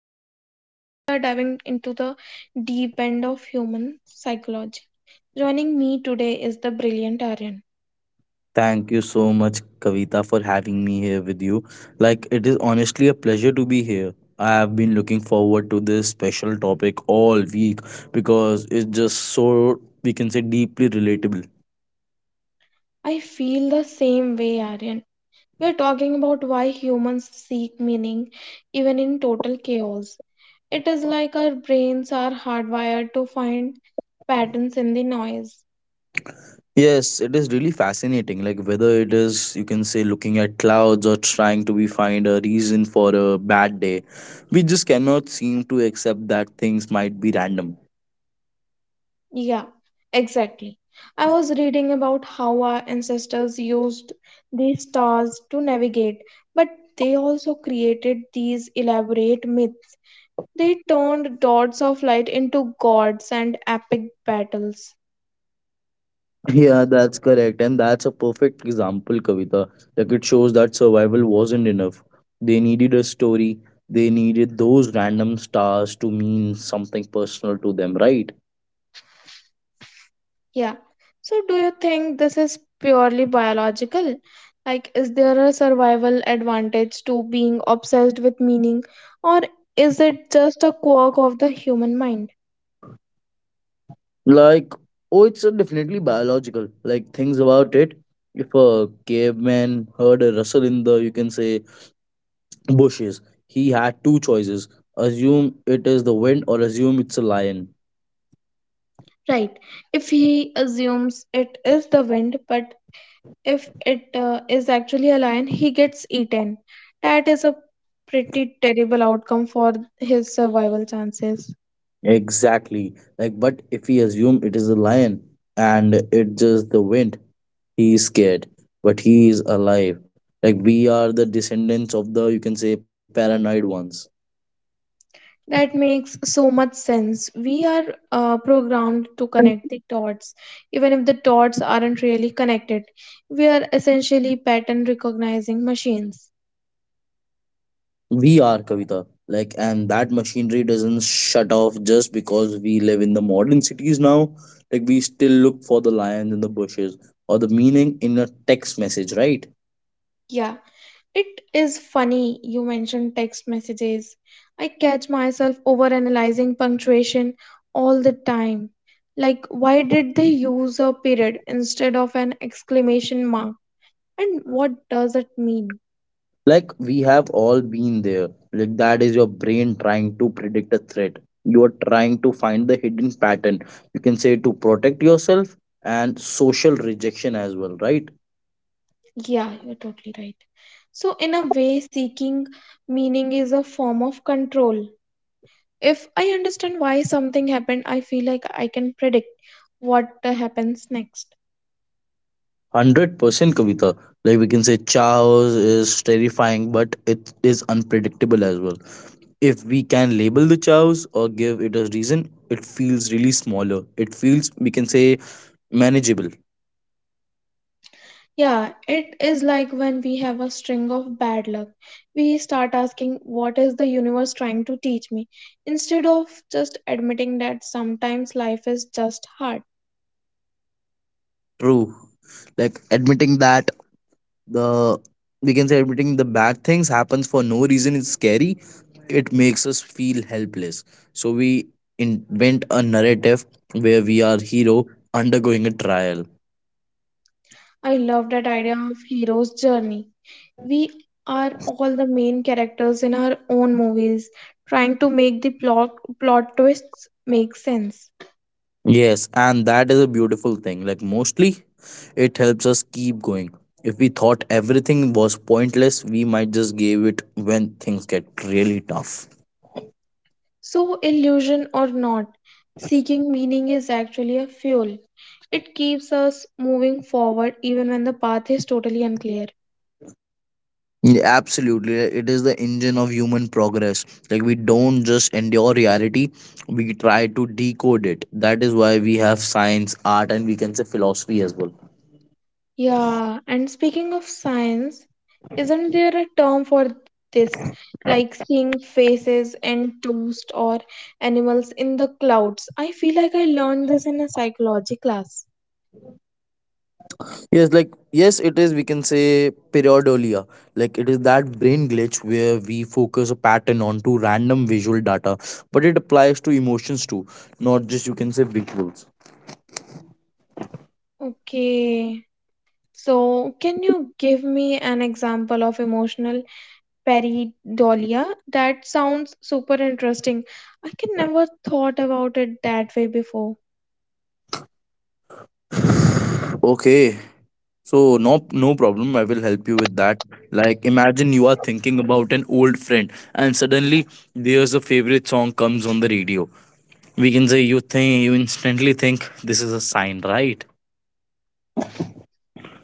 session because we are diving into the deep end of human psychology. Joining me today is the brilliant Aryan. Thank you so much, Kavita, for having me here with you. It is honestly a pleasure to be here. I have been looking forward to this special topic all week because it's just so, we can say, deeply relatable. I feel the same way, Aryan. We are talking about why humans seek meaning even in total chaos. It is like our brains are hardwired to find patterns in the noise. Yes, it is really fascinating. Whether it is, you can say, looking at clouds or trying to be find a reason for a bad day, we just cannot seem to accept that things might be random. Yeah, exactly. I was reading about how our ancestors used these stars to navigate, but they also created these elaborate myths. They turned dots of light into gods and epic battles. Yeah, that's correct. And that's a perfect example, Kavita. Like it shows that survival wasn't enough. They needed a story. They needed those random stars to mean something personal to them, right? Yeah. So, do you think this is purely biological? Like, is there a survival advantage to being obsessed with meaning, or is it just a quirk of the human mind? Like, oh, it's Definitely biological. Like, things about it. If a caveman heard a rustle in the, you can say, bushes, he had two choices: assume it is the wind or assume it's a lion. Right. If he assumes it is the wind, but if it is actually a lion, he gets eaten. That is a pretty terrible outcome for his survival chances. Exactly. Like, but if we assume it is a lion and it just the wind, he is scared, but he is alive. Like, we are the descendants of the, you can say, paranoid ones. That makes so much sense. We are programmed to connect the dots, even if the dots aren't really connected. We are essentially pattern recognizing machines. We are, Kavita. Like, and that machinery doesn't shut off just because we live in the modern cities now. Like, we still look for the lions in the bushes or the meaning in a text message, right? Yeah. It is funny you mentioned text messages. I catch myself overanalyzing punctuation all the time. Like, why did they use a period instead of an exclamation mark? And what does it mean? Like, we have all been there. Like, that is your brain trying to predict a threat. You are trying to find the hidden pattern, you can say, to protect yourself and social rejection as well, right? Yeah, you're totally right. So, in a way, seeking meaning is a form of control. If I understand why something happened, I feel like I can predict what happens next. 100%, Kavita. Like, we can say chaos is terrifying, but it is unpredictable as well. If we can label the chaos or give it a reason, it feels really smaller. It feels, we can say, manageable. Yeah, it is like when we have a string of bad luck. We start asking, "What is the universe trying to teach me?" instead of just admitting that sometimes life is just hard. True. Like, admitting that, the we can say, admitting the bad things happens for no reason is scary. It makes us feel helpless, so we invent a narrative where we are hero undergoing a trial. I love that idea of hero's journey. We are all the main characters in our own movies, trying to make the plot twists make sense. Yes, and that is a beautiful thing. Like, mostly it helps us keep going. If we thought everything was pointless, we might just give it when things get really tough. So, illusion or not, seeking meaning is actually a fuel. It keeps us moving forward even when the path is totally unclear. Yeah, absolutely, it is the engine of human progress. Like, we don't just endure reality, we try to decode it. That is why we have science, art, and, we can say, philosophy as well. Yeah, and speaking of science, isn't there a term for this? Like seeing faces and toast or animals in the clouds. I feel like I learned this in a psychology class. Yes, it is, we can say, periodolia. Like, it is that brain glitch where we focus a pattern onto random visual data, but it applies to emotions too, not just, you can say, visuals. Okay, so can you give me an example of emotional Pareidolia. That sounds super interesting. I can never thought about it that way before. Okay, so no problem, I will help you with that. Like, imagine you are thinking about an old friend and suddenly there's a favorite song comes on the radio. We can say you think, you instantly think this is a sign, right?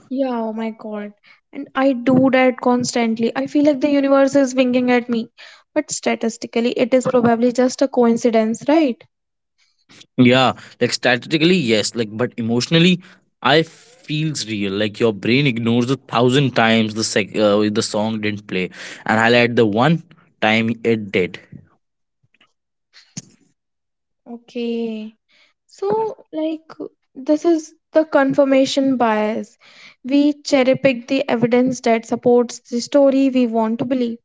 Yeah, oh my god. And I do that constantly. I feel like the universe is winking at me. But statistically, it is probably just a coincidence, right? Yeah, like statistically yes, like but emotionally I feels real. Like your brain ignores a thousand times the the song didn't play and highlight the one time it did. Okay. So, like, this is the confirmation bias. We cherry pick the evidence that supports the story we want to believe.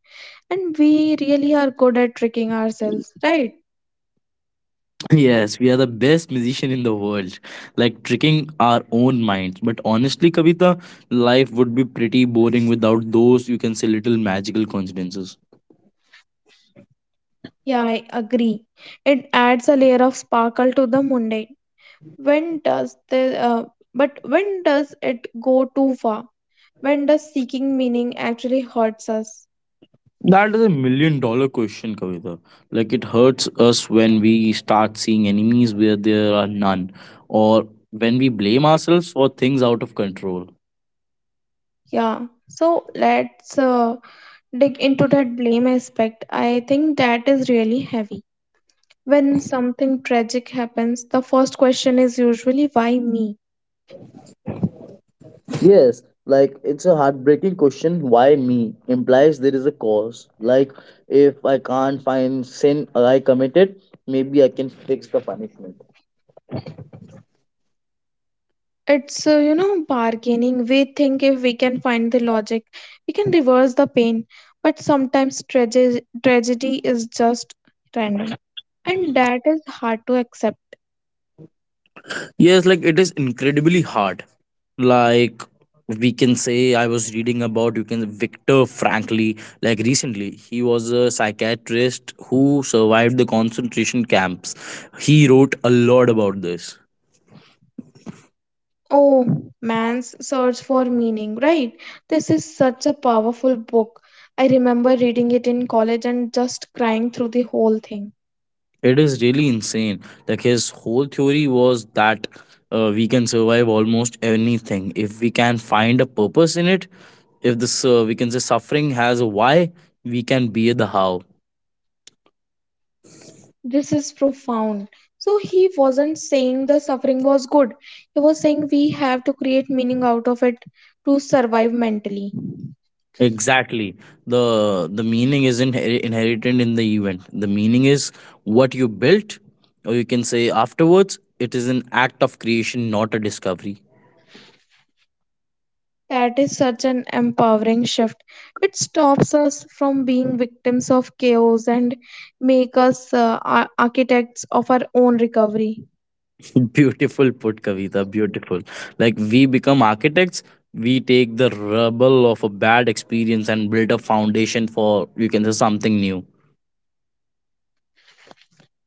And we really are good at tricking ourselves, right? Yes, we are the best musician in the world, like tricking our own minds. But honestly, Kavita, life would be pretty boring without those, you can say, little magical coincidences. Yeah, I agree. It adds a layer of sparkle to the mundane. When does the but when does it go too far? When does seeking meaning actually hurts us? That is a million dollar question, Kavita. Like, it hurts us when we start seeing enemies where there are none, or when we blame ourselves for things out of control. Yeah. So let's dig into that blame aspect. I think that is really heavy. When something tragic happens, the first question is usually why me? Yes, like it's a heartbreaking question. Why me implies there is a cause. Like if I can't find sin I committed, maybe I can fix the punishment. Bargaining. We think if we can find the logic, we can reverse the pain. But sometimes tragedy is just random. And that is hard to accept. Yes, like it is incredibly hard. Like we can say, I was reading about you can Victor Frankly, like recently, he was a psychiatrist who survived the concentration camps. He wrote a lot about this. Oh, man's search for meaning, right? This is such a powerful book. I remember reading it in college and just crying through the whole thing. It is really insane. Like his whole theory was that we can survive almost anything if we can find a purpose in it. If this we can say suffering has a why, we can be the how. This is profound. So he wasn't saying the suffering was good. He was saying we have to create meaning out of it to survive mentally. Exactly. The meaning isn't inherited in the event. The meaning is what you built, or you can say afterwards. It is an act of creation, not a discovery. That is such an empowering shift. It stops us from being victims of chaos and make us architects of our own recovery. Beautiful put, Kavita. Beautiful. Like we become architects, we take the rubble of a bad experience and build a foundation for, you can say, something new.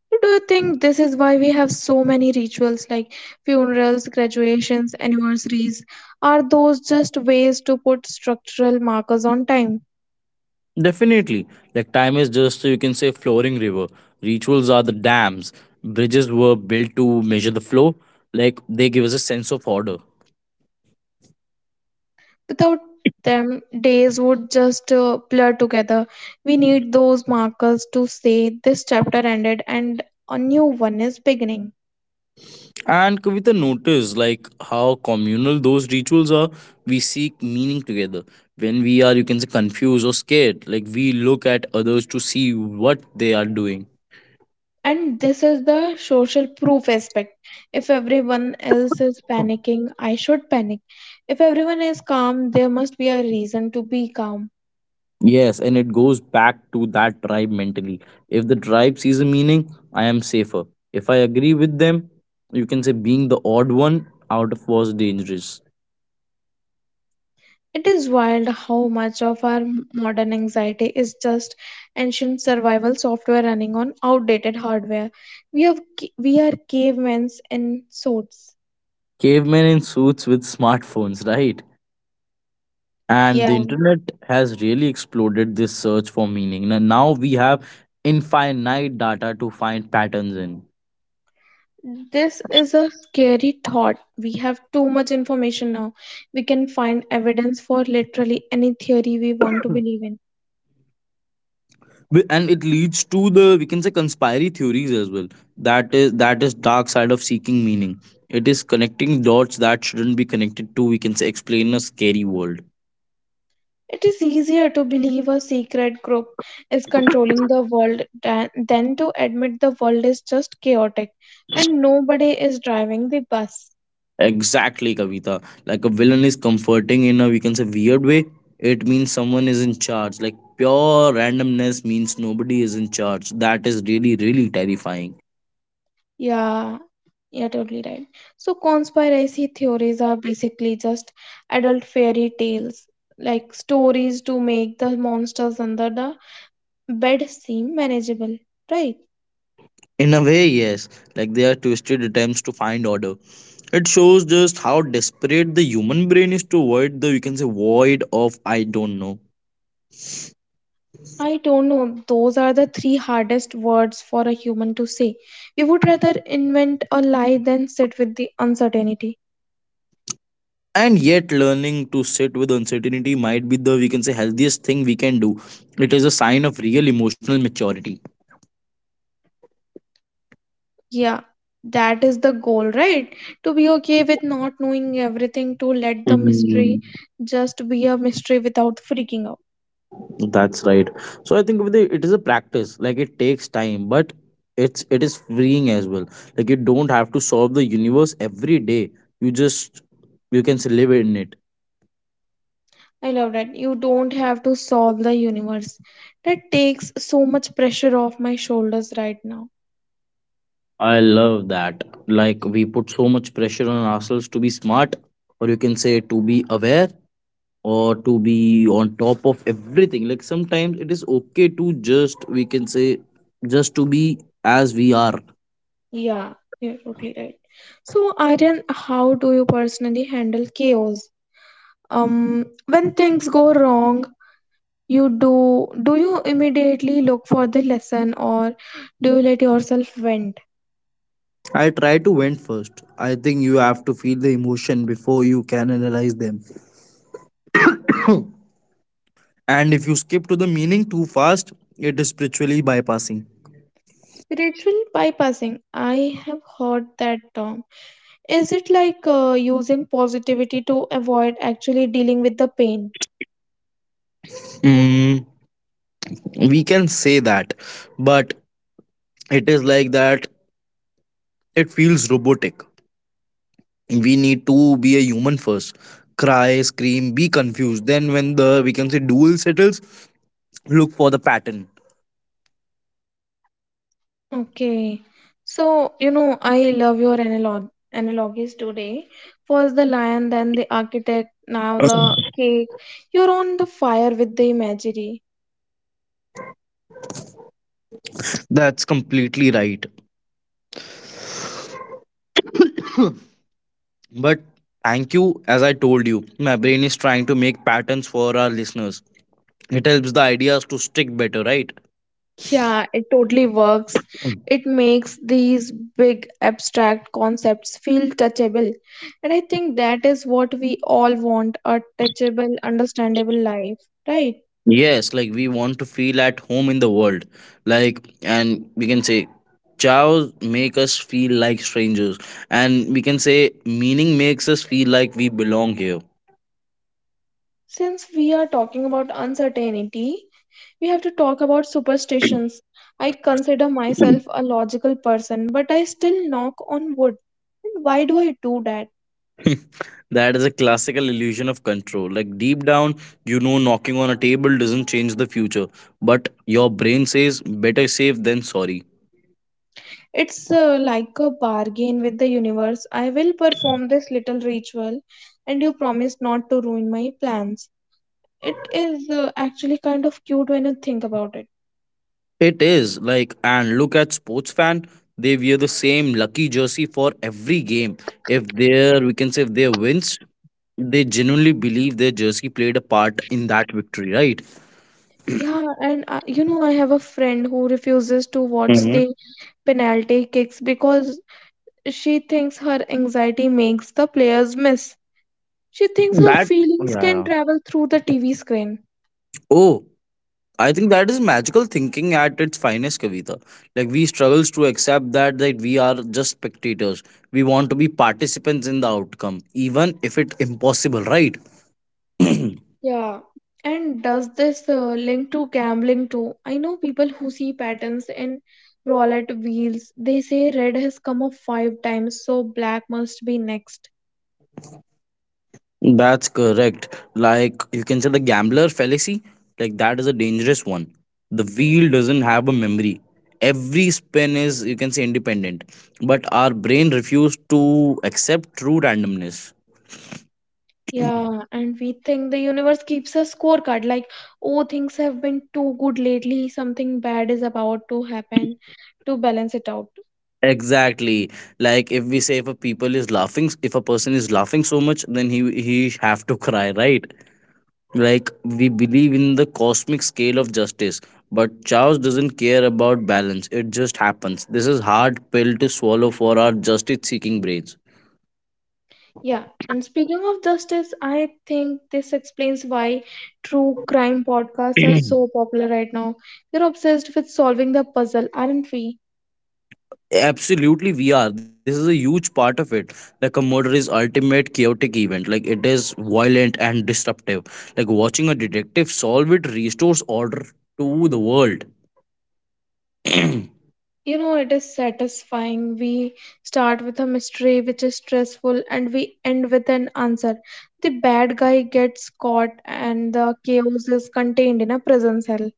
So do you think this is why we have so many rituals like funerals, graduations, anniversaries? Are those just ways to put structural markers on time? Definitely. Like time is just, you can say, flowing river. Rituals are the dams. Bridges were built to measure the flow. Like they give us a sense of order. Without them, days would just blur together. We need those markers to say this chapter ended and a new one is beginning. And Kavita notice, like how communal those rituals are. We seek meaning together. When we are, you can say, confused or scared, like we look at others to see what they are doing. And this is the social proof aspect. If everyone else is panicking, I should panic. If everyone is calm, there must be a reason to be calm. Yes, and it goes back to that tribe mentally. If the tribe sees a meaning, I am safer. If I agree with them, you can say being the odd one out of was dangerous. It is wild how much of our modern anxiety is just ancient survival software running on outdated hardware. We are cavemen in suits. Cavemen in suits with smartphones, right? And Yeah, the internet has really exploded this search for meaning, and now we have infinite data to find patterns in. this is a scary thought. We have too much information now. We can find evidence for literally any theory we want to believe in. And it leads to the, we can say, conspiracy theories as well. That is dark side of seeking meaning. It is connecting dots that shouldn't be connected to, we can say, explain a scary world. It is easier to believe a secret group is controlling the world than to admit the world is just chaotic and nobody is driving the bus. Exactly, Kavita. Like a villain is comforting in a, we can say, weird way. It means someone is in charge. Like pure randomness means nobody is in charge. That is really, really terrifying. Yeah, you're totally right. So, conspiracy theories are basically just adult fairy tales, like stories to make the monsters under the bed seem manageable, right? In a way, yes, like they are twisted attempts to find order. It shows just how desperate the human brain is to avoid the, you can say, void of I don't know. I don't know. Those are the three hardest words for a human to say. We would rather invent a lie than sit with the uncertainty. And yet, learning to sit with uncertainty might be the, we can say, healthiest thing we can do. It is a sign of real emotional maturity. Yeah, that is the goal, right? To be okay with not knowing everything, to let the Mm, mystery just be a mystery without freaking out. that's right. So I think with the, it is a practice. Like it takes time, but it is freeing as well. Like you don't have to solve the universe every day. You just live in it. I love that. You don't have to solve the universe. That takes so much pressure off my shoulders right now. I love that. Like we put so much pressure on ourselves to be smart, or you can say to be aware, or to be on top of everything. Like sometimes it is okay to just, we can say, just to be as we are. Yeah, you're totally right. So, Aryan, how do you personally handle chaos? When things go wrong, you do do you immediately look for the lesson, or do you let yourself vent? I try to vent first. I think you have to feel the emotion before you can analyze them. And if you skip to the meaning too fast, it is spiritually bypassing. Spiritual bypassing, I have heard that term. Is it like using positivity to avoid actually dealing with the pain? Mm, we can say that, but it is like that. It feels robotic. We need to be a human first: cry, scream, be confused, then when the, we can say, duel settles, look for the pattern. Okay, so you know, I love your analogies today. First the lion, then the architect, now the cake. You're on the fire with the imagery. That's completely right. But thank you. As I told you, my brain is trying to make patterns for our listeners. It helps the ideas to stick better, right? Yeah, it totally works. Mm. It makes these big abstract concepts feel touchable. And I think that is what we all want, a touchable, understandable life, right? Yes, like we want to feel at home in the world. Like, and we can say chows make us feel like strangers, and we can say meaning makes us feel like we belong here. Since we are talking about uncertainty, we have to talk about superstitions. I consider myself a logical person, but I still knock on wood. And why do I do that? That is a classical illusion of control. Like deep down, you know knocking on a table doesn't change the future, but your brain says better safe than sorry. It's like a bargain with the universe. I will perform this little ritual, and you promise not to ruin my plans. It is actually kind of cute when you think about it. It is like, and look at sports fan, they wear the same lucky jersey for every game. If their, we can say, if their wins, they genuinely believe their jersey played a part in that victory, right? Yeah, and you know, I have a friend who refuses to watch Mhm. the penalty kicks because she thinks her anxiety makes the players miss. She thinks her That yeah. feelings can Yeah. travel through the TV screen. Oh. I think that is magical thinking at its finest, Kavita. Like we struggles to accept that we are just spectators. We want to be participants in the outcome, even if it impossible, right? Yeah. And does this link to gambling too? I know people who see patterns in roulette wheels. They say red has come up five times, so black must be next. That's correct. Like, you can say, the gambler fallacy, like that is a dangerous one. The wheel doesn't have a memory. Every spin is, you can say, independent, but our brain refused to accept true randomness. Yeah, and we think the universe keeps a scorecard like, oh, things have been too good lately, something bad is about to happen to balance it out. Exactly. Like if we say if a people is laughing, if a person is laughing so much, then he have to cry, right? Like we believe in the cosmic scale of justice, but Charles doesn't care about balance. It just happens. This is hard pill to swallow for our justice-seeking brains. Yeah, and speaking of justice, I think this explains why true crime podcasts are so popular right now. We're obsessed with solving the puzzle, aren't we? Absolutely, we are. This is a huge part of it. Like a murder is ultimate chaotic event. Like it is violent and disruptive. Like watching a detective solve it restores order to the world. You know, it is satisfying. We start with a mystery which is stressful and we end with an answer. The bad guy gets caught and the chaos is contained in a prison cell.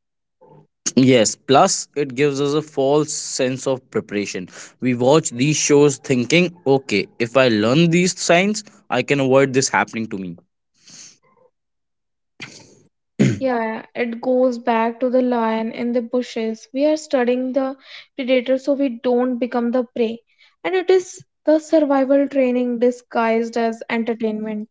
Yes, plus it gives us a false sense of preparation. We watch these shows thinking, okay, if I learn these signs, I can avoid this happening to me. Yeah, it goes back to the lion in the bushes. We are studying the predator so we don't become the prey. And it is the survival training disguised as entertainment.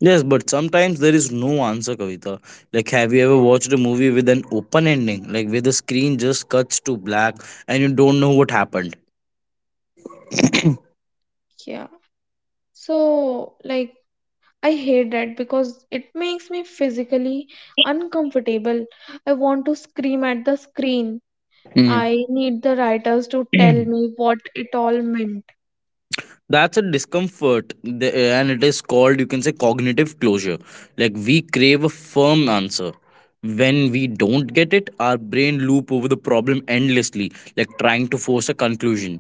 Yes, but sometimes there is no answer, Kavita. Like, have you ever watched a movie with an open ending, like where the screen just cuts to black and you don't know what happened? Yeah. So, like, I hate that because it makes me physically uncomfortable. I want to scream at the screen. Mm. I need the writers to tell me what it all meant. That's a discomfort, and it is called, you can say, cognitive closure. Like we crave a firm answer. When we don't get it, our brain loop over the problem endlessly, like trying to force a conclusion.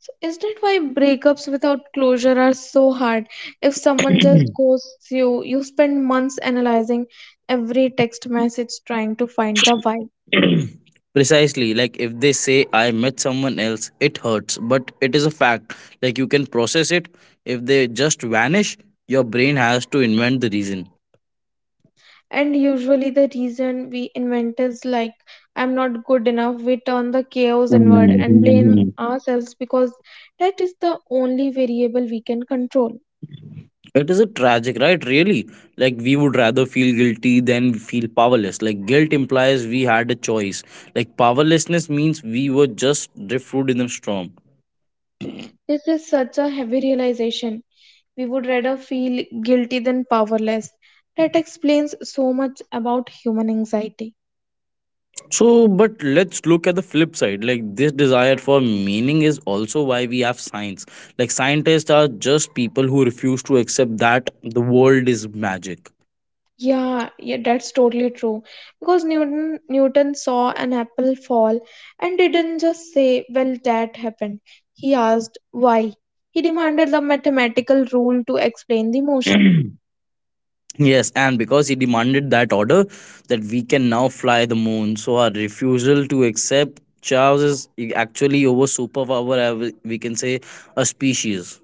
So is that why breakups without closure are so hard? If someone just ghosts you, you spend months analyzing every text message trying to find the why. Precisely. Like if they say I met someone else, it hurts but it is a fact. Like you can process it. If they just vanish, your brain has to invent the reason. And usually the reason we invent is like I'm not good enough. We turn the chaos inward and blame ourselves because that is the only variable we can control. It is a tragic, right? Really, like we would rather feel guilty than feel powerless. Like guilt implies we had a choice. Like powerlessness means we were just driftwood in a storm. This is such a heavy realization. We would rather feel guilty than powerless. That explains so much about human anxiety. So, but let's look at the flip side. Like this desire for meaning is also why we have science. Like scientists are just people who refuse to accept that the world is magic. Yeah, yeah, that's totally true. Because Newton saw an apple fall and didn't just say, "Well, that happened." He asked why. He demanded the mathematical rule to explain the motion. Yes, and because he demanded that order, that we can now fly the moon. So our refusal to accept Charles is actually over superpower. We can say a species.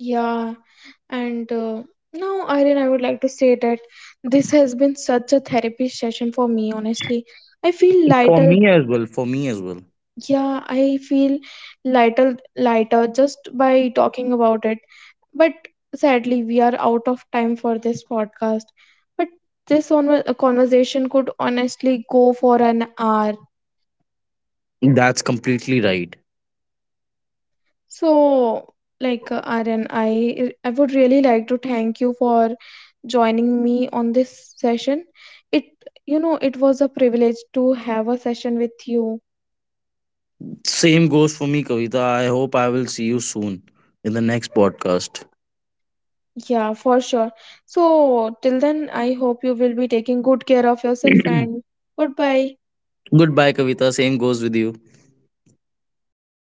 Yeah, and now, Irene, I would like to say that this has been such a therapy session for me, honestly. I feel For lighter. me as well. For me as well. Yeah, I feel lighter just by talking about it. But sadly, we are out of time for this podcast. But this conversation could honestly go for an hour. That's completely right. So, Aryan, I would really like to thank you for joining me on this session. It, you know, it was a privilege to have a session with you. Same goes for me, Kavita. I hope I will see you soon in the next podcast. Yeah, for sure. So, till then, I hope you will be taking good care of yourself and goodbye. Goodbye, Kavita. Same goes with you.